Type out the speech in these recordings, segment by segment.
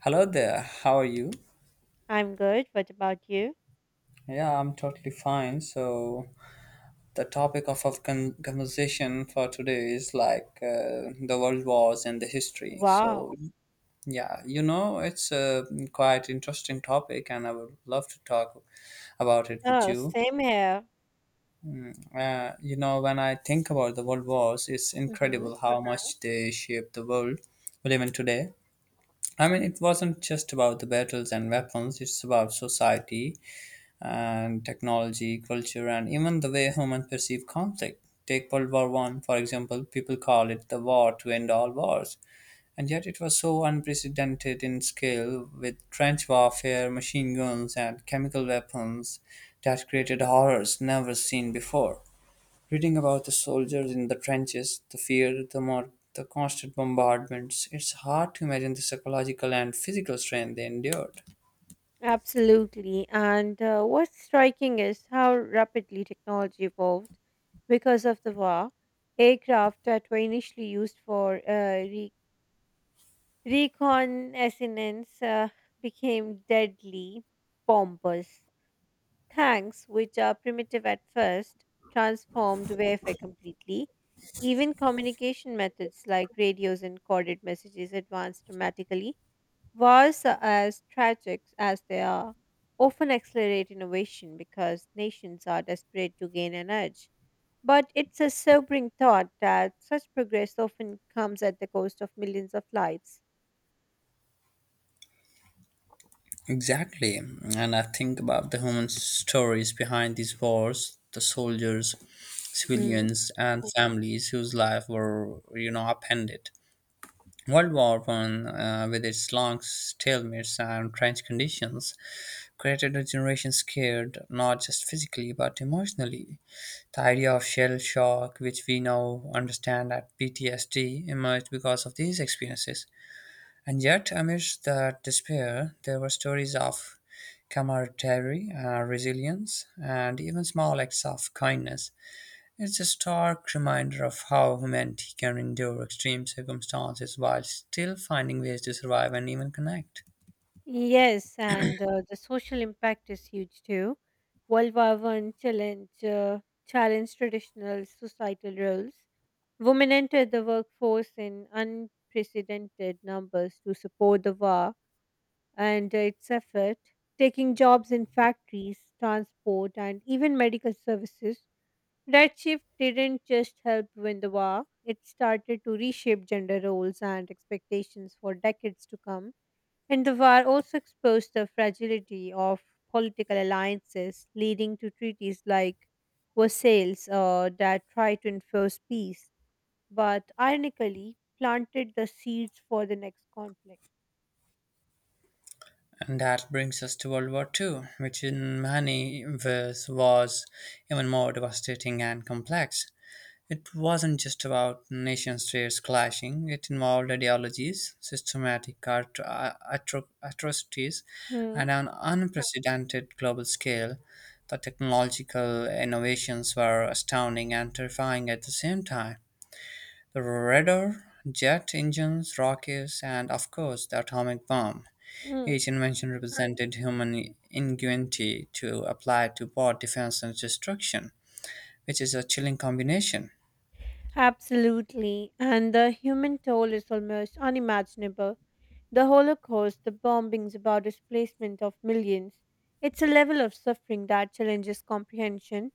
Hello there, how are you? I'm good. What about you? Yeah, I'm totally fine. So, the topic of our conversation for today is like the world wars and the history. So, Wow. yeah, it's a quite interesting topic, and I would love to talk about it with Oh, you. same here. When I think about the world wars, it's Hmm. incredible how much they shaped the world we live in today. I mean, it wasn't just about the battles and weapons, it's about society and technology, culture, and even the way humans perceive conflict. Take World War One, for example, people call it the war to end all wars, and yet it was so unprecedented in scale with trench warfare, machine guns, and chemical weapons that created horrors never seen before. Reading about the soldiers in the trenches, the fear, the more the constant bombardments, it's hard to imagine the psychological and physical strain they endured. Absolutely. And what's striking is how rapidly technology evolved because of the war. Aircraft that were initially used for re- reconnaissance became deadly bombers. Thanks, which are primitive at first, transformed warfare completely. Even communication methods like radios and coded messages advanced dramatically. Wars are as tragic as they are often accelerate innovation because nations are desperate to gain an edge. But it's a sobering thought that such progress often comes at the cost of millions of lives. Exactly. And I think about the human stories behind these wars, the soldiers, civilians, and families whose lives were, upended. World War One, with its long stalemates and trench conditions, created a generation scared not just physically but emotionally. The idea of shell shock, which we now understand as PTSD, emerged because of these experiences. And yet, amidst that despair, there were stories of camaraderie, resilience, and even small acts of kindness. It's a stark reminder of how humanity can endure extreme circumstances while still finding ways to survive and even connect. Yes, and the social impact is huge too. World War One challenged traditional societal roles. Women entered the workforce in unprecedented numbers to support the war and its effort, taking jobs in factories, transport, and even medical services. That shift didn't just help win the war; it started to reshape gender roles and expectations for decades to come, and the war also exposed the fragility of political alliances, leading to treaties like Versailles that tried to enforce peace, but ironically planted the seeds for the next conflict. And that brings us to World War Two, which in many ways was even more devastating and complex. It wasn't just about nation states clashing, it involved ideologies, systematic atrocities, Hmm. and on an unprecedented global scale. The technological innovations were astounding and terrifying at the same time. The radar, jet engines, rockets, and of course the atomic bomb. Each Mm. invention represented human ingenuity to apply to war defense and destruction, which is a chilling combination. Absolutely, and the human toll is almost unimaginable. The Holocaust, the bombings, about displacement of millions. It's a level of suffering that challenges comprehension.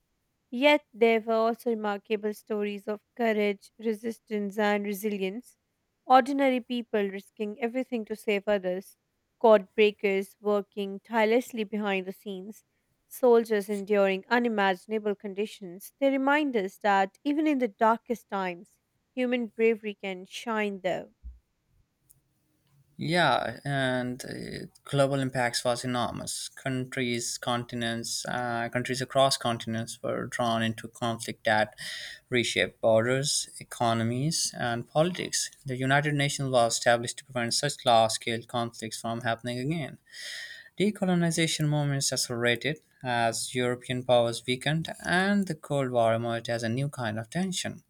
Yet there were also remarkable stories of courage, resistance, and resilience. Ordinary people risking everything to save others, code breakers working tirelessly behind the scenes, soldiers enduring unimaginable conditions. They remind us that even in the darkest times, human bravery can shine there. Yeah, and global impacts was enormous. Countries, continents, countries across continents were drawn into conflict that reshaped borders, economies, and politics. The United Nations was established to prevent such large-scale conflicts from happening again. Decolonization movements accelerated as European powers weakened, and the Cold War emerged as a new kind of tension.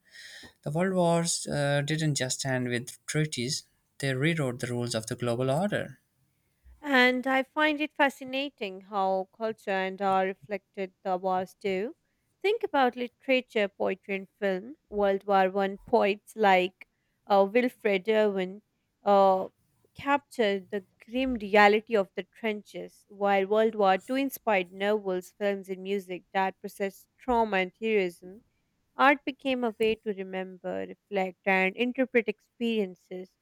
The world wars didn't just end with treaties, they rewrote the rules of the global order. And I find it fascinating how culture and art reflected the wars too. Think about literature, poetry, and film. World War One poets like Wilfred Irwin uh, captured the grim reality of the trenches, while World War Two inspired novels, films, and music that processed trauma and heroism. Art became a way to remember, reflect, and interpret experiences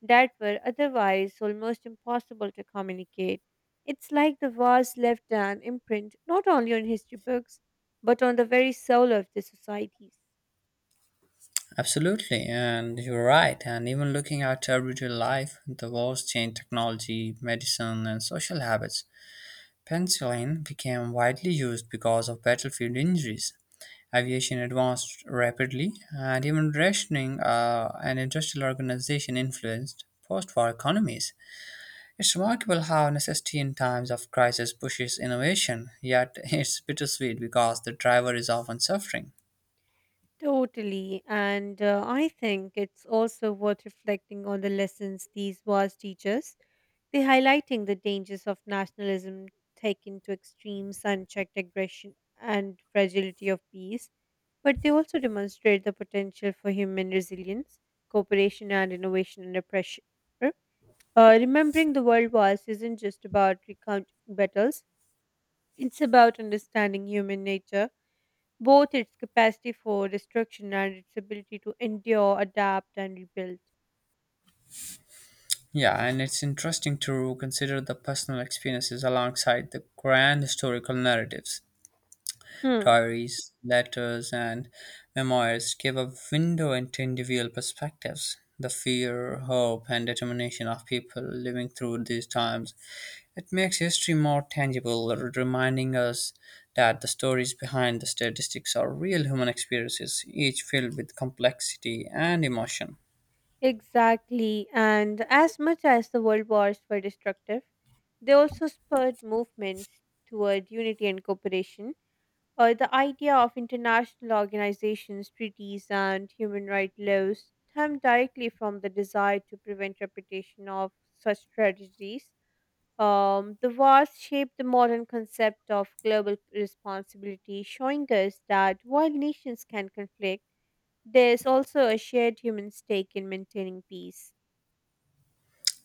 that were otherwise almost impossible to communicate. It's like the vase left an imprint not only on history books, but on the very soul of the societies. Absolutely, and you're right. And even looking at everyday life, the wars changed technology, medicine, and social habits. Penicillin became widely used because of battlefield injuries. Aviation advanced rapidly, and even rationing and industrial organization influenced post war economies. It's remarkable how necessity in times of crisis pushes innovation, yet it's bittersweet because the driver is often suffering. Totally, and I think it's also worth reflecting on the lessons these wars teach us. They highlighting the dangers of nationalism taken to extremes, unchecked aggression, and fragility of peace. But they also demonstrate the potential for human resilience, cooperation, and innovation under pressure. Remembering the World Wars isn't just about recounting battles, it's about understanding human nature, both its capacity for destruction and its ability to endure, adapt, and rebuild. Yeah, and it's interesting to consider the personal experiences alongside the grand historical narratives. Hmm. Diaries, letters, and memoirs give a window into individual perspectives. The fear, hope, and determination of people living through these times. It makes history more tangible, reminding us that the stories behind the statistics are real human experiences, each filled with complexity and emotion. Exactly. And as much as the World Wars were destructive, they also spurred movements toward unity and cooperation. The idea of international organizations, treaties, and human rights laws stem directly from the desire to prevent repetition of such tragedies. The wars shaped the modern concept of global responsibility, showing us that while nations can conflict, there's also a shared human stake in maintaining peace.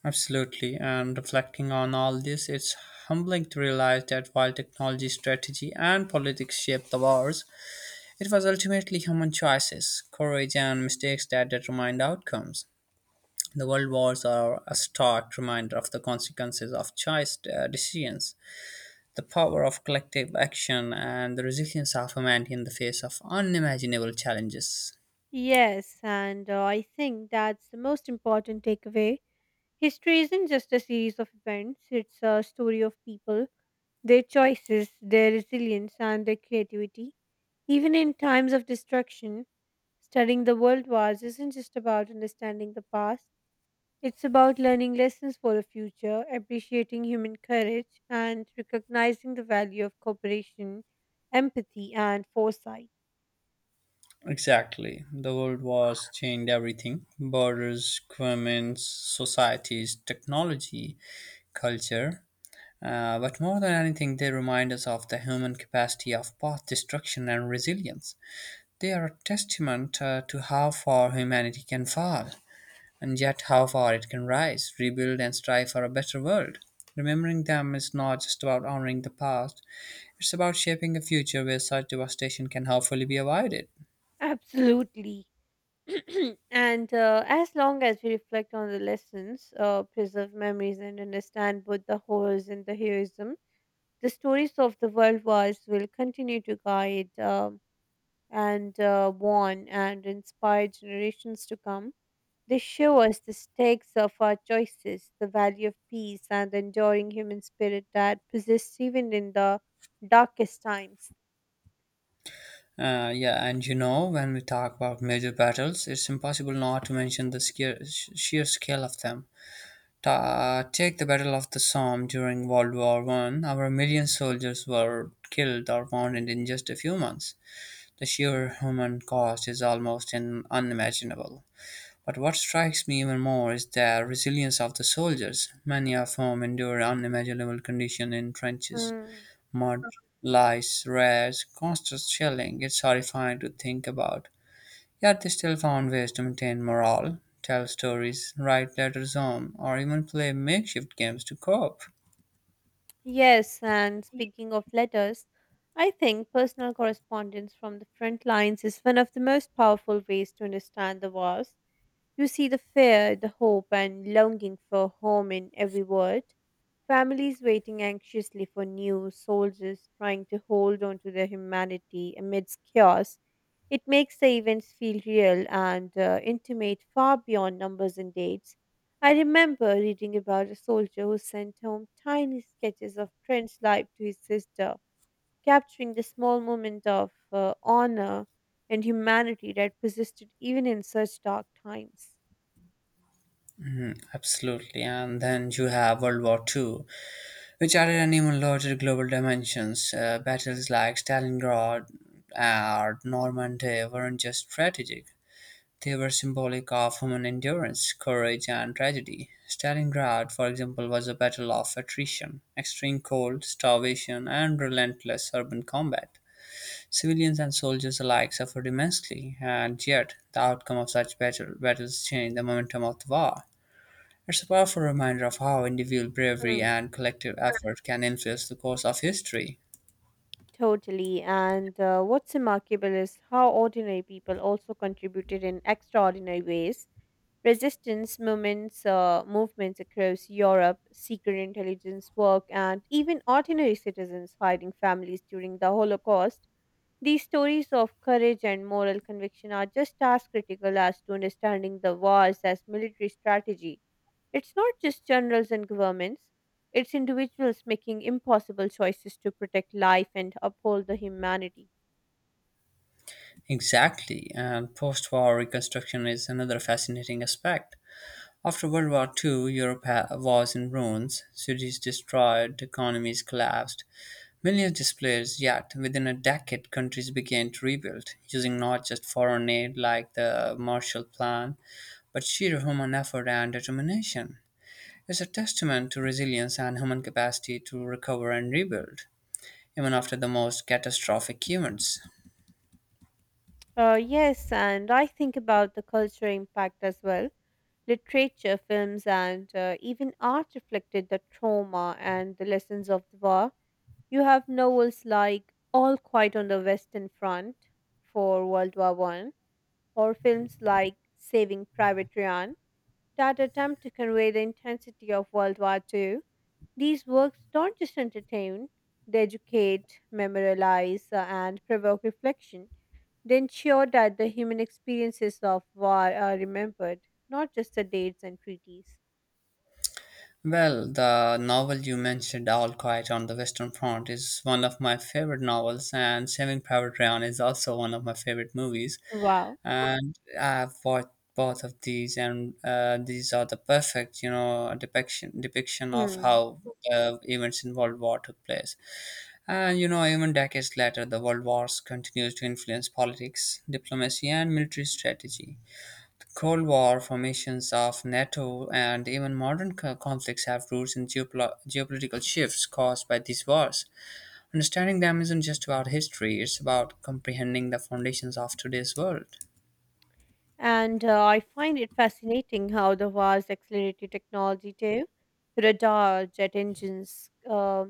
Absolutely, and reflecting on all this, it's humbling to realize that while technology, strategy, and politics shaped the wars, it was ultimately human choices, courage, and mistakes that determined outcomes. The world wars are a stark reminder of the consequences of choice decisions. The power of collective action and the resilience of humanity in the face of unimaginable challenges. Yes, and I think that's the most important takeaway. History isn't just a series of events, it's a story of people, their choices, their resilience, and their creativity. Even in times of destruction, studying the world wars isn't just about understanding the past, it's about learning lessons for the future, appreciating human courage, and recognizing the value of cooperation, empathy, and foresight. Exactly. The world was changed everything borders, governments, societies, technology, culture. But more than anything, they remind us of the human capacity of both destruction and resilience. They are a testament to how far humanity can fall, and yet how far it can rise, rebuild, and strive for a better world. Remembering them is not just about honoring the past, it's about shaping a future where such devastation can hopefully be avoided. Absolutely. And as long as we reflect on the lessons, preserve memories, and understand both the horrors and the heroism, the stories of the world wars will continue to guide and warn and inspire generations to come. They show us the stakes of our choices, the value of peace, and the enduring human spirit that persists even in the darkest times. Yeah, and you know, when we talk about major battles, it's impossible not to mention the scare, sheer scale of them. Take the Battle of the Somme during World War One. Over a million soldiers were killed or wounded in just a few months. The sheer human cost is almost unimaginable. But what strikes me even more is the resilience of the soldiers. Many of whom endure unimaginable conditions in trenches, Mm. mud, lice, rats, constant shelling. It's horrifying to think about. Yet they still found ways to maintain morale, tell stories, write letters home, or even play makeshift games to cope. Yes, and speaking of letters, I think personal correspondence from the front lines is one of the most powerful ways to understand the wars. You see the fear, the hope, and longing for home in every word. Families waiting anxiously for news, soldiers trying to hold on to their humanity amidst chaos. It makes the events feel real and intimate far beyond numbers and dates. I remember reading about a soldier who sent home tiny sketches of Trent's life to his sister, capturing the small moment of honor and humanity that persisted even in such dark times. Mhm. Absolutely. And then you have World War Two, which added an even larger global dimensions. Battles like Stalingrad or Normandy weren't just strategic, they were symbolic of human endurance, courage, and tragedy. Stalingrad, for example, was a battle of attrition, extreme cold, starvation, and relentless urban combat. Civilians and soldiers alike suffered immensely, and yet the outcome of such battles changed the momentum of the war. It's a powerful reminder of how individual bravery Mm. and collective effort can influence the course of history. Totally. And what's remarkable is how ordinary people also contributed in extraordinary ways. Resistance movements across Europe, secret intelligence work, and even ordinary citizens hiding families during the Holocaust. These stories of courage and moral conviction are just as critical as to understanding the wars as military strategy. It's not just generals and governments, it's individuals making impossible choices to protect life and uphold the humanity. Exactly, and post war reconstruction is another fascinating aspect. After World War II, Europe was in ruins, cities destroyed, economies collapsed, millions displaced, yet within a decade, countries began to rebuild, using not just foreign aid like the Marshall Plan, but sheer human effort and determination. It's a testament to resilience and human capacity to recover and rebuild, even after the most catastrophic humans. Yes, and I think about the cultural impact as well. Literature, films, and even art reflected the trauma and the lessons of the war. You have novels like All Quiet on the Western Front for World War One, or films like Saving Private Ryan that attempt to convey the intensity of World War Two. These works don't just entertain, they educate, memorialize, and provoke reflection. They ensure that the human experiences of war are remembered, not just the dates and treaties. Well, the novel you mentioned, All Quiet on the Western Front, is one of my favorite novels, and Saving Private Ryan is also one of my favorite movies. Wow. And I've watched both of these, and these are the perfect, depiction of Hmm. how the events in World War took place. And you know, even decades later, the world wars continues to influence politics, diplomacy, and military strategy. Cold War formations of NATO and even modern conflicts have roots in geopolitical shifts caused by these wars. Understanding them isn't just about history, it's about comprehending the foundations of today's world. And I find it fascinating how the vast accelerated technology too: radar, jet engines,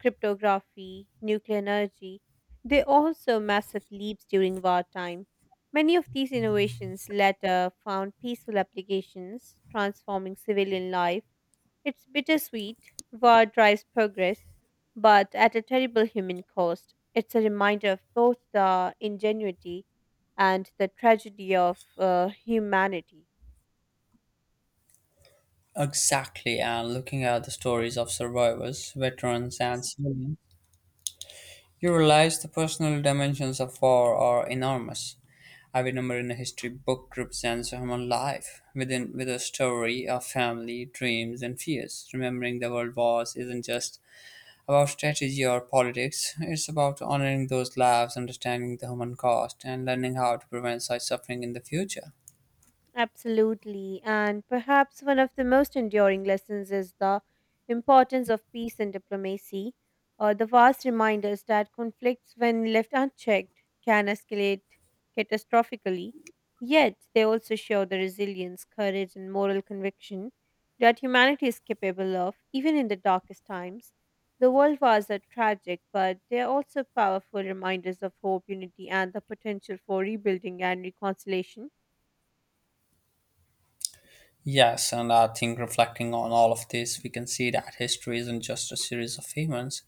cryptography, nuclear energy, they also massive leaps during wartime. Many of these innovations later found peaceful applications, transforming civilian life. It's bittersweet. War drives progress, but at a terrible human cost. It's a reminder of both the ingenuity and the tragedy of humanity. Exactly, and looking at the stories of survivors, veterans, and civilians, you realize the personal dimensions of war are enormous. I remember in a history book represents a human life within with a story of family, dreams, and fears. Remembering the world wars isn't just about strategy or politics. It's about honoring those lives, understanding the human cost, and learning how to prevent such suffering in the future. Absolutely. And perhaps one of the most enduring lessons is the importance of peace and diplomacy, or the vast reminders that conflicts, when left unchecked, can escalate catastrophically. Yet, they also show the resilience, courage, and moral conviction that humanity is capable of, even in the darkest times. The world wars are tragic, but they are also powerful reminders of hope, unity, and the potential for rebuilding and reconciliation. Yes, and I think reflecting on all of this, we can see that history isn't just a series of events,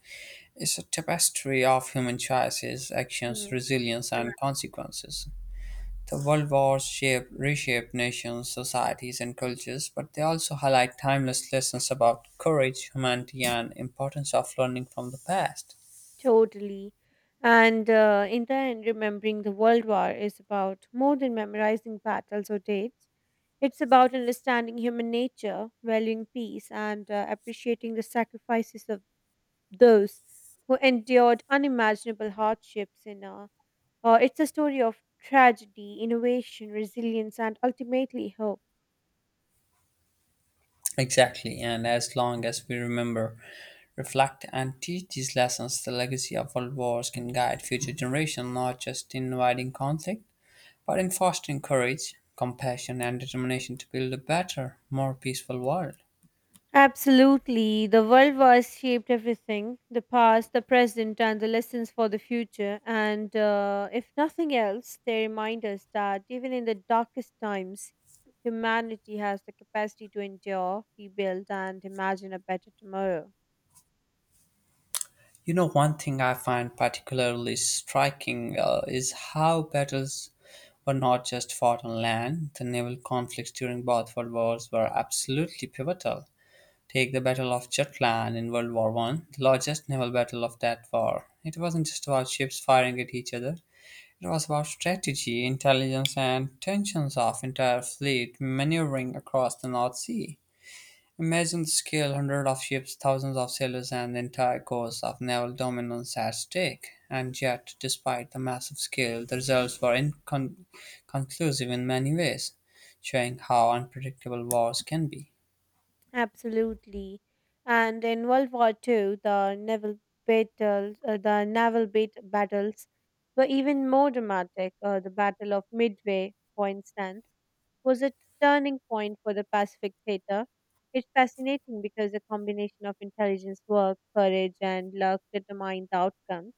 it's a tapestry of human choices, actions, resilience, and consequences. The world wars reshape nations, societies, and cultures, but they also highlight timeless lessons about courage, humanity, and importance of learning from the past. Totally. And in the end, remembering the World War is about more than memorizing battles or dates. It's about understanding human nature, valuing peace, and appreciating the sacrifices of those who endured unimaginable hardships. It's a story of tragedy, innovation, resilience, and ultimately hope. Exactly, and as long as we remember, reflect, and teach these lessons, the legacy of world wars can guide future generations not just in inviting conflict, but in fostering courage, compassion, and determination to build a better, more peaceful world. Absolutely. The world wars shaped everything: the past, the present, and the lessons for the future. And if nothing else, they remind us that even in the darkest times, humanity has the capacity to endure, rebuild, and imagine a better tomorrow. You know, one thing I find particularly striking is how battles were not just fought on land, the naval conflicts during both world wars were absolutely pivotal. Take the Battle of Jutland in World War One, the largest naval battle of that war. It wasn't just about ships firing at each other. It was about strategy, intelligence, and tensions of entire fleet maneuvering across the North Sea. Imagine the scale hundreds of ships, thousands of sailors, and the entire course of naval dominance at stake. And yet, despite the massive scale, the results were inconclusive in many ways, showing how unpredictable wars can be. Absolutely. And in World War Two, the naval battles were even more dramatic. The Battle of Midway, for instance, was a turning point for the Pacific theater. It's fascinating because the combination of intelligence work, courage, and luck determined the outcome.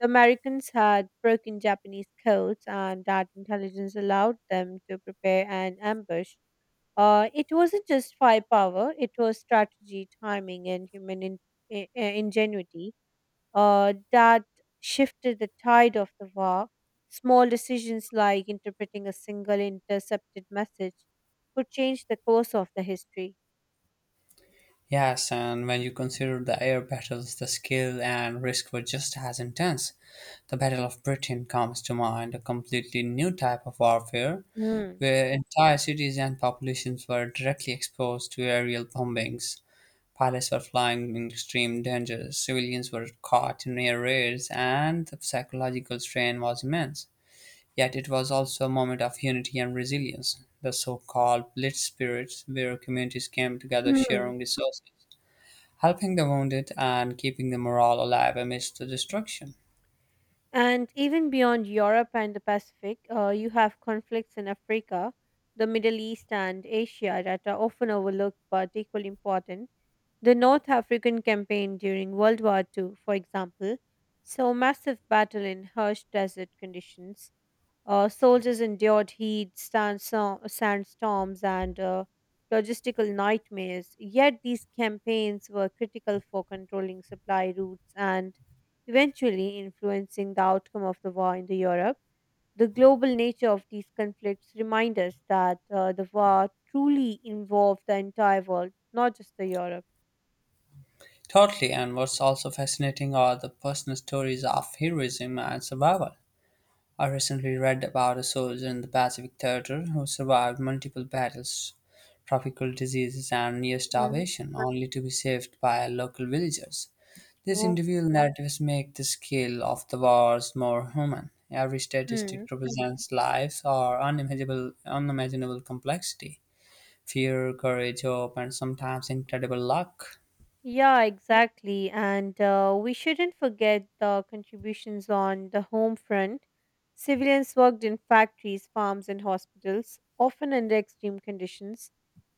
The Americans had broken Japanese codes, and that intelligence allowed them to prepare an ambush. It wasn't just firepower, it was strategy, timing, and human ingenuity that shifted the tide of the war. Small decisions like interpreting a single intercepted message could change the course of the history. Yes, and when you consider the air battles, the skill and risk were just as intense. The Battle of Britain comes to mind, a completely new type of warfare Hmm. where entire cities and populations were directly exposed to aerial bombings. Pilots were flying in extreme danger, civilians were caught in air raids, and the psychological strain was immense. Yet it was also a moment of unity and resilience. The so called Blitz spirits, where communities came together Hmm. sharing resources, helping the wounded and keeping the morale alive amidst the destruction. And even beyond Europe and the Pacific, you have conflicts in Africa, the Middle East, and Asia that are often overlooked but equally important. The North African campaign during World War II, for example, saw massive battle in harsh desert conditions. Soldiers endured heat, sand, sandstorms, and logistical nightmares. Yet these campaigns were critical for controlling supply routes and eventually influencing the outcome of the war in the Europe. The global nature of these conflicts remind us that the war truly involved the entire world, not just the Europe. Totally, and what's also fascinating are the personal stories of heroism and survival. I recently read about a soldier in the Pacific Theater who survived multiple battles, tropical diseases, and near starvation, only to be saved by local villagers. These Oh. individual narratives make the scale of the wars more human. Every Hmm. statistic represents lives or unimaginable complexity, fear, courage, hope, and sometimes incredible luck. Yeah, exactly. And we shouldn't forget the contributions on the home front. Civilians worked in factories, farms, and hospitals, often under extreme conditions.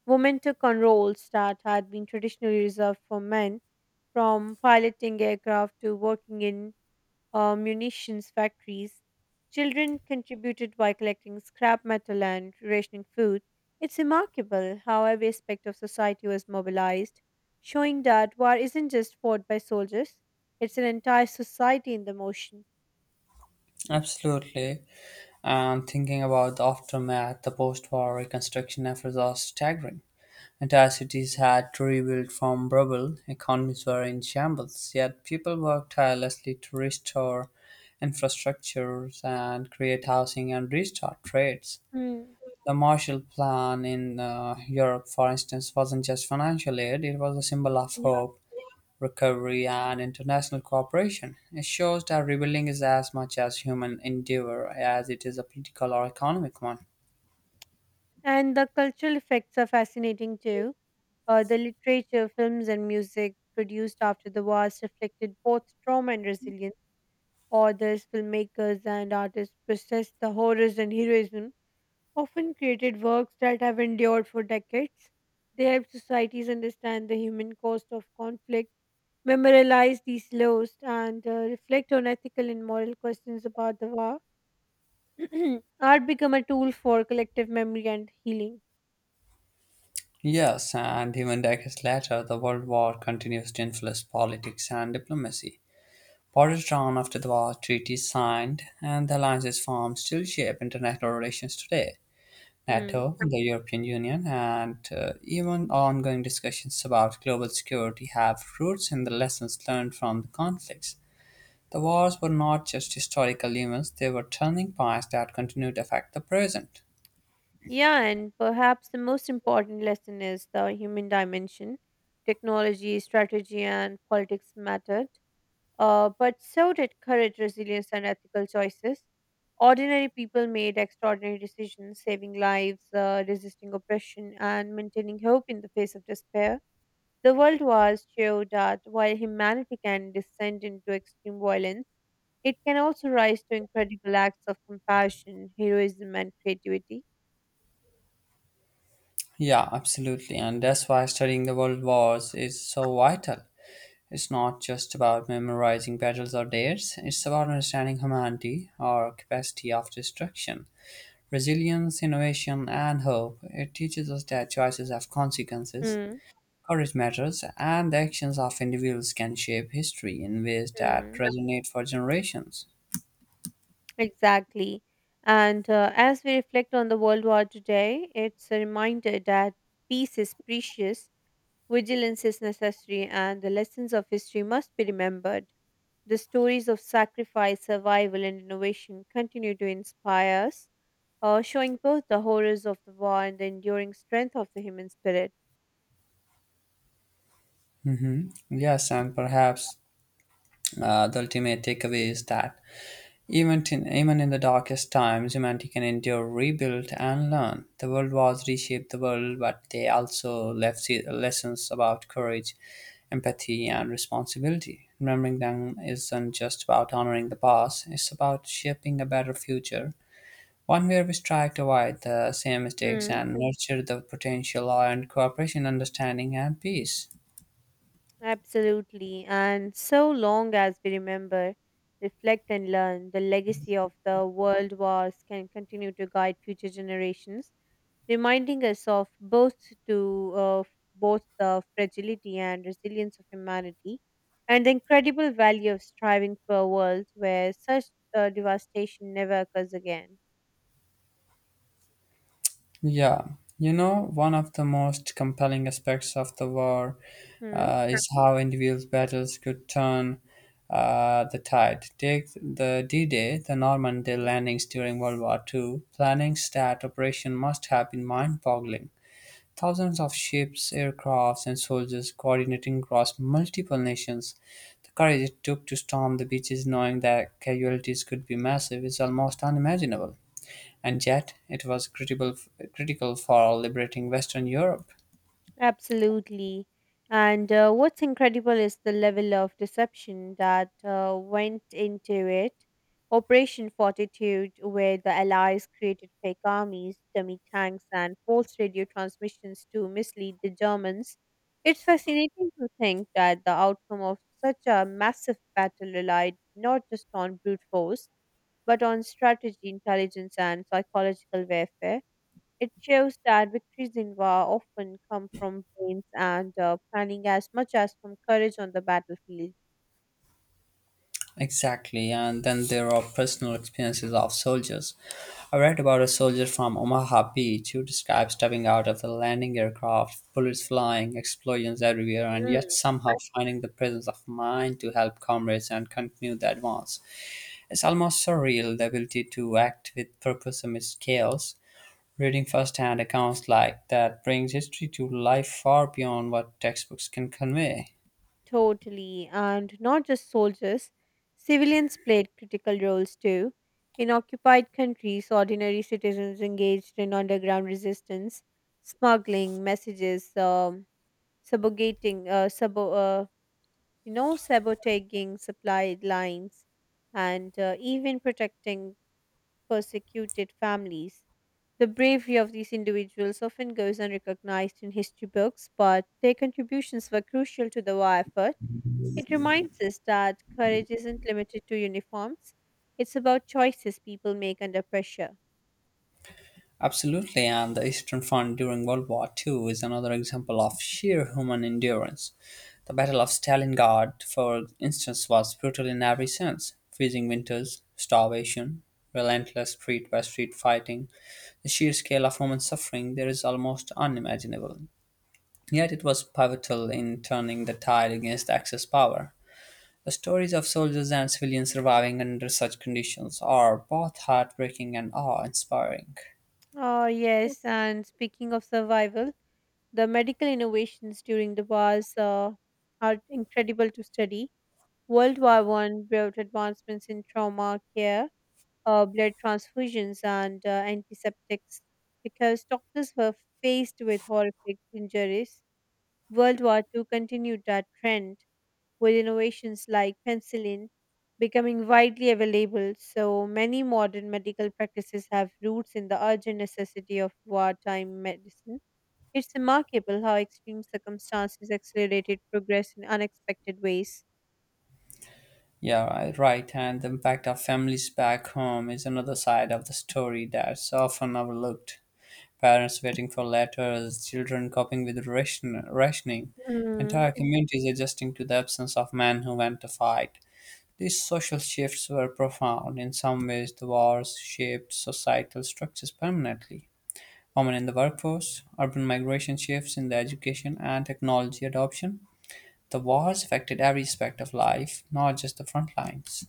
Women took on roles that had been traditionally reserved for men, from piloting aircraft to working in munitions factories. Children contributed by collecting scrap metal and rationing food. It's remarkable how every aspect of society was mobilized, showing that war isn't just fought by soldiers, it's an entire society in the motion. Absolutely. And thinking about the aftermath, the post war reconstruction efforts are staggering. Entire cities had to rebuild from rubble, economies were in shambles, yet people worked tirelessly to restore infrastructures and create housing and restart trades. Hmm. The Marshall Plan in Europe, for instance, wasn't just financial aid, it was a symbol of Yeah. hope, recovery, and international cooperation. It shows that rebuilding is as much a human endeavor as it is a political or economic one. And the cultural effects are fascinating too. The literature, films, and music produced after the wars reflected both trauma and resilience. Authors, filmmakers, and artists processed the horrors and heroism often created works that have endured for decades. They help societies understand the human cost of conflict, memorialize these laws, and reflect on ethical and moral questions about the war. Art become a tool for collective memory and healing. Yes, and even decades later, the World War continues to influence politics and diplomacy. Borders drawn after the war, treaties signed, and the alliances formed still shape international relations today. Hmm. NATO, the European Union, and even ongoing discussions about global security have roots in the lessons learned from the conflicts. The wars were not just historical events, they were turning points that continue to affect the present. Yeah, and perhaps the most important lesson is the human dimension. Technology, strategy, and politics mattered. But so did courage, resilience, and ethical choices. Ordinary people made extraordinary decisions, saving lives, resisting oppression, and maintaining hope in the face of despair. The World Wars showed that while humanity can descend into extreme violence, it can also rise to incredible acts of compassion, heroism, and creativity. Yeah, absolutely. And that's why studying the world wars is so vital. It's not just about memorizing battles or dates, it's about understanding humanity, our capacity of destruction, resilience, innovation, and hope. It teaches us that choices have consequences, Mm, courage matters, and the actions of individuals can shape history in ways that mm, resonate for generations. exactly. And as we reflect on the World War today, it's a reminder that peace is precious. Vigilance is necessary, and the lessons of history must be remembered. The stories of sacrifice, survival, and innovation continue to inspire us, showing both the horrors of the war and the enduring strength of the human spirit. Yes, and perhaps the ultimate takeaway is that even in the darkest times, humanity can endure, rebuild, and learn. The world wars reshaped the world, but they also left lessons about courage, empathy, and responsibility. Remembering them isn't just about honoring the past, it's about shaping a better future, one where we strive to avoid the same mistakes Hmm, and nurture the potential and cooperation, understanding, and peace. absolutely. And so long as we remember, reflect, and learn, the legacy of the world wars can continue to guide future generations, reminding us of to uh, both the fragility and resilience of humanity and the incredible value of striving for a world where such devastation never occurs again. Yeah, you know, one of the most compelling aspects of the war Hmm? Is how individual battles could turn the tide. Take the D Day, the Normandy landings during World War Two. Planning that operation must have been mind boggling. Thousands of ships, aircrafts, and soldiers coordinating across multiple nations. The courage it took to storm the beaches knowing that casualties could be massive is almost unimaginable, and yet it was critical for liberating Western Europe. Absolutely. And what's incredible is the level of deception that went into it. Operation Fortitude, where the Allies created fake armies, dummy tanks, and false radio transmissions to mislead the Germans. It's fascinating to think that the outcome of such a massive battle relied not just on brute force, but on strategy, intelligence, and psychological warfare. It shows that victories in war often come from brains and planning as much as from courage on the battlefield. Exactly, and then there are personal experiences of soldiers. I read about a soldier from Omaha Beach who described stepping out of the landing aircraft, bullets flying, explosions everywhere, and yet Mm. somehow finding the presence of mind to help comrades and continue the advance. It's almost surreal, the ability to act with purpose amidst chaos. Reading firsthand accounts like that brings history to life far beyond what textbooks can convey. Totally. And not just soldiers, civilians played critical roles too. In occupied countries, ordinary citizens engaged in underground resistance, smuggling messages, subjugating, sabo- you know, sabotaging supply lines, and even protecting persecuted families. The bravery of these individuals often goes unrecognized in history books, but their contributions were crucial to the war effort. It reminds us that courage isn't limited to uniforms, it's about choices people make under pressure. Absolutely, and the Eastern Front during World War Two is another example of sheer human endurance. The Battle of Stalingrad, for instance, was brutal in every sense: freezing winters, starvation, relentless street by street fighting. The sheer scale of human suffering there is almost unimaginable. Yet it was pivotal in turning the tide against Axis power. The stories of soldiers and civilians surviving under such conditions are both heartbreaking and awe inspiring. Oh, yes, and speaking of survival, the medical innovations during the wars are incredible to study. World War One brought advancements in trauma care, blood transfusions, and antiseptics because doctors were faced with horrific injuries. World War II continued that trend with innovations like penicillin becoming widely available. So many modern medical practices have roots in the urgent necessity of wartime medicine. It's remarkable how extreme circumstances accelerated progress in unexpected ways. Yeah, right. And the impact of families back home is another side of the story that's often overlooked. Parents waiting for letters, children coping with rationing, Hmm. entire communities adjusting to the absence of men who went to fight. These social shifts were profound. In some ways, the wars shaped societal structures permanently. Women in the workforce, urban migration shifts in the education and technology adoption. The war has affected every aspect of life, not just the front lines.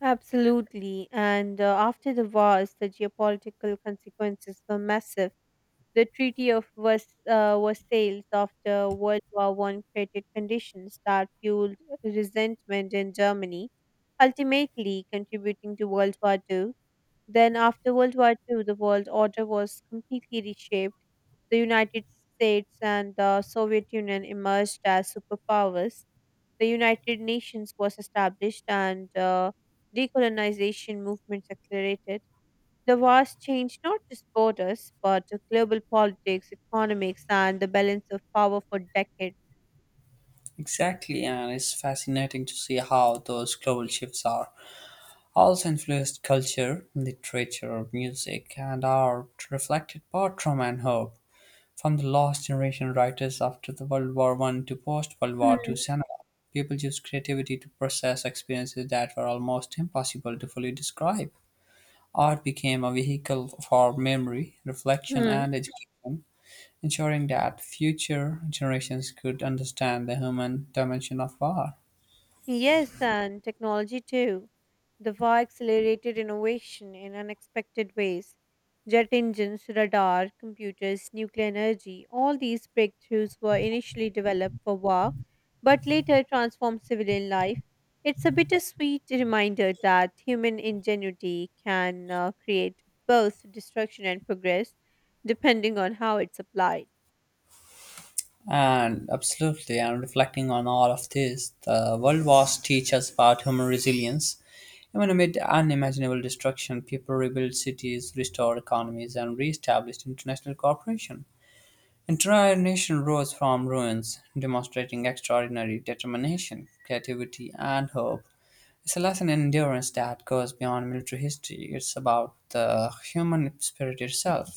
Absolutely. And after the wars, the geopolitical consequences were massive. The Versailles after World War One created conditions that fueled resentment in Germany, ultimately contributing to World War Two. Then, after World War Two, the world order was completely reshaped. The United States and the Soviet Union emerged as superpowers, the United Nations was established, and decolonization movements accelerated. The wars changed not just borders, but global politics, economics, and the balance of power for decades. Exactly, and it's fascinating to see how those global shifts are also influenced culture, literature, music, and art reflected both trauma and hope. From the lost generation writers after the World War One to post World War Two Hmm. cinema, people used creativity to process experiences that were almost impossible to fully describe. Art became a vehicle for memory, reflection, Hmm. and education, ensuring that future generations could understand the human dimension of war. Yes, and technology too. The war accelerated innovation in unexpected ways. Jet engines, radar, computers, nuclear energy, all these breakthroughs were initially developed for war, but later transformed civilian life. It's a bittersweet reminder that human ingenuity can create both destruction and progress, depending on how it's applied. And absolutely, and reflecting on all of this, the World Wars teach us about human resilience. Even amid unimaginable destruction, people rebuilt cities, restored economies, and re-established international cooperation. Entire nation rose from ruins, demonstrating extraordinary determination, creativity, and hope. It's a lesson in endurance that goes beyond military history. It's about the human spirit itself.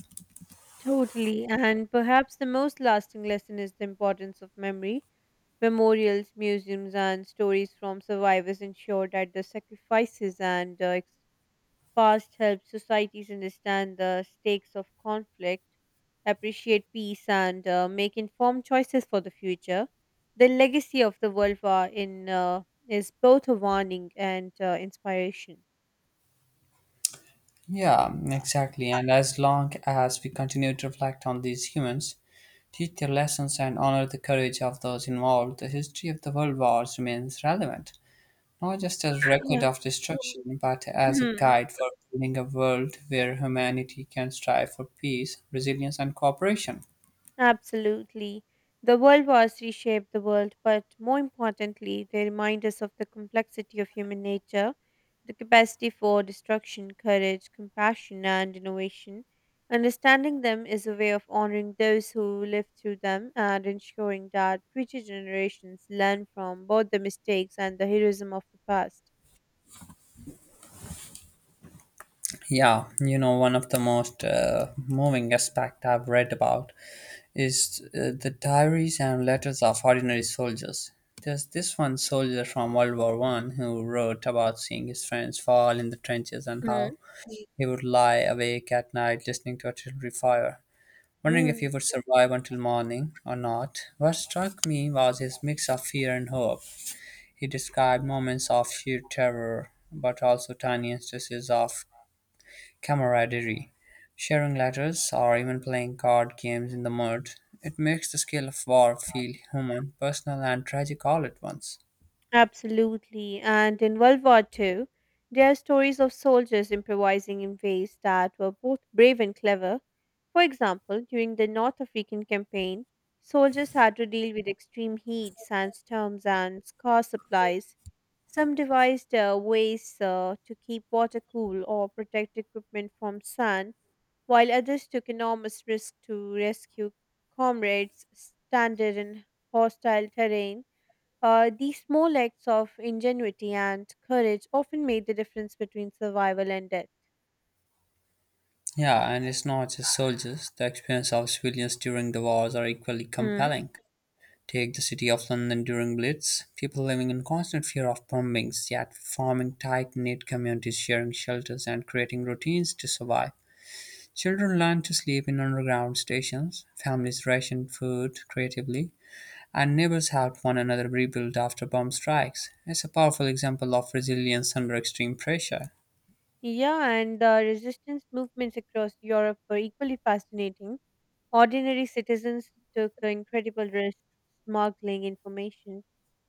Totally, and perhaps the most lasting lesson is the importance of memory. Memorials, museums, and stories from survivors ensure that the sacrifices and past help societies understand the stakes of conflict, appreciate peace, and make informed choices for the future. The legacy of the World War in is both a warning and inspiration. Yeah, exactly. And as long as we continue to reflect on these humans, teach their lessons, and honor the courage of those involved, the history of the world wars remains relevant, not just as record Yeah. of destruction, but as a guide for building a world where humanity can strive for peace, resilience, and cooperation. Absolutely. The world wars reshape the world, but more importantly, they remind us of the complexity of human nature, the capacity for destruction, courage, compassion, and innovation. Understanding them is a way of honoring those who lived through them and ensuring that future generations learn from both the mistakes and the heroism of the past. Yeah, you know, one of the most moving aspect I've read about is the diaries and letters of ordinary soldiers. There's this one soldier from World War One who wrote about seeing his friends fall in the trenches and how Mm. he would lie awake at night listening to artillery fire, wondering if he Mm. would survive until morning or not. What struck me was his mix of fear and hope. He described moments of sheer terror, but also tiny instances of camaraderie, sharing letters, or even playing card games in the mud. It makes the scale of war feel human, personal, and tragic all at once. Absolutely. And in World War Two, there are stories of soldiers improvising in ways that were both brave and clever. For example, during the North African campaign, soldiers had to deal with extreme heat, sandstorms, and scarce supplies. Some devised ways to keep water cool or protect equipment from sand, while others took enormous risks to rescue comrades stranded in hostile terrain. These small acts of ingenuity and courage often made the difference between survival and death. Yeah, and it's not just soldiers. The experience of civilians during the wars are equally Hmm. compelling. Take the city of London during Blitz, people living in constant fear of bombings, yet forming tight knit communities, sharing shelters, and creating routines to survive. Children learn to sleep in underground stations, families ration food creatively, and neighbors helped one another rebuild after bomb strikes. It's a powerful example of resilience under extreme pressure. Yeah, and the resistance movements across Europe were equally fascinating. Ordinary citizens took incredible risks, smuggling information,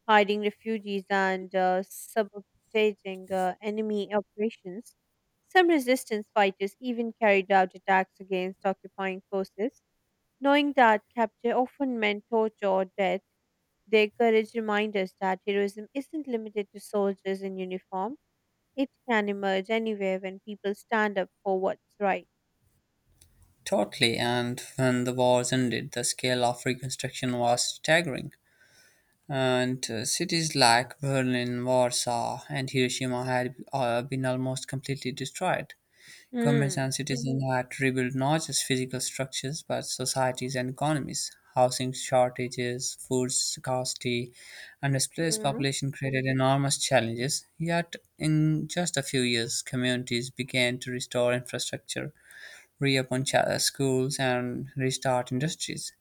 hiding refugees, and subjugating enemy operations. Some resistance fighters even carried out attacks against occupying forces, knowing that capture often meant torture or death. Their courage reminds us that heroism isn't limited to soldiers in uniform. It can emerge anywhere when people stand up for what's right. Totally, and when the wars ended, the scale of reconstruction was staggering. And Cities like Berlin, Warsaw, and Hiroshima had been almost completely destroyed. Commerce Hmm. and citizens had to rebuild not just physical structures but societies and economies. Housing shortages, food scarcity, and displaced Hmm. population created enormous challenges. Yet, in just a few years, communities began to restore infrastructure, reopen schools, and restart industries.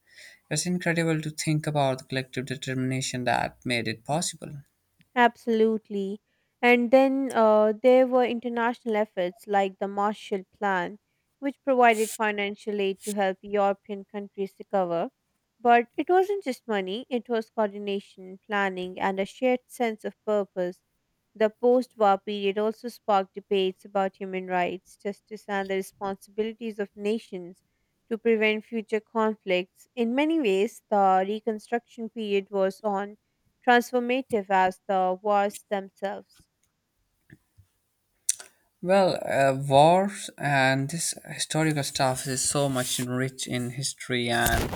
It's incredible to think about the collective determination that made it possible. Absolutely. And then there were international efforts like the Marshall Plan, which provided financial aid to help European countries recover. But it wasn't just money, it was coordination, planning, and a shared sense of purpose. The post war period also sparked debates about human rights, justice, and the responsibilities of nations to prevent future conflicts. In many ways, the Reconstruction period was on transformative as the wars themselves. Well, wars and this historical stuff is so much rich in history, and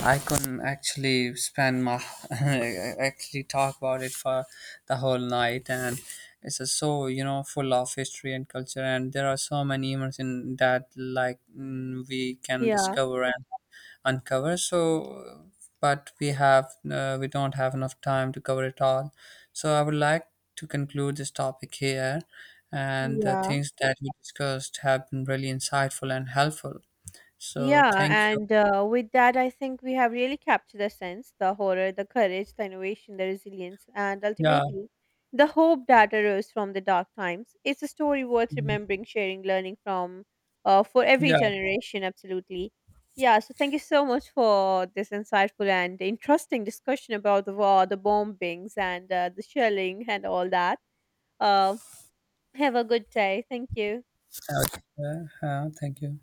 I couldn't actually spend my actually talk about it for the whole night, and it's a so full of history and culture, and there are so many moments in that like we can Yeah, discover and uncover. So, but we have we don't have enough time to cover it all. So I would like to conclude this topic here, and the yeah, things that we discussed have been really insightful and helpful. So yeah. thank you. And with that, I think we have really captured the sense, the horror, the courage, the innovation, the resilience, and Yeah. ultimately the hope that arose from the dark times. It's a story worth Mhm. remembering, sharing, learning from, for every Yeah. generation, absolutely. Yeah, so thank you so much for this insightful and interesting discussion about the war, the bombings, and the shelling, and all that. Um, Have a good day. Thank you. Okay. Thank you.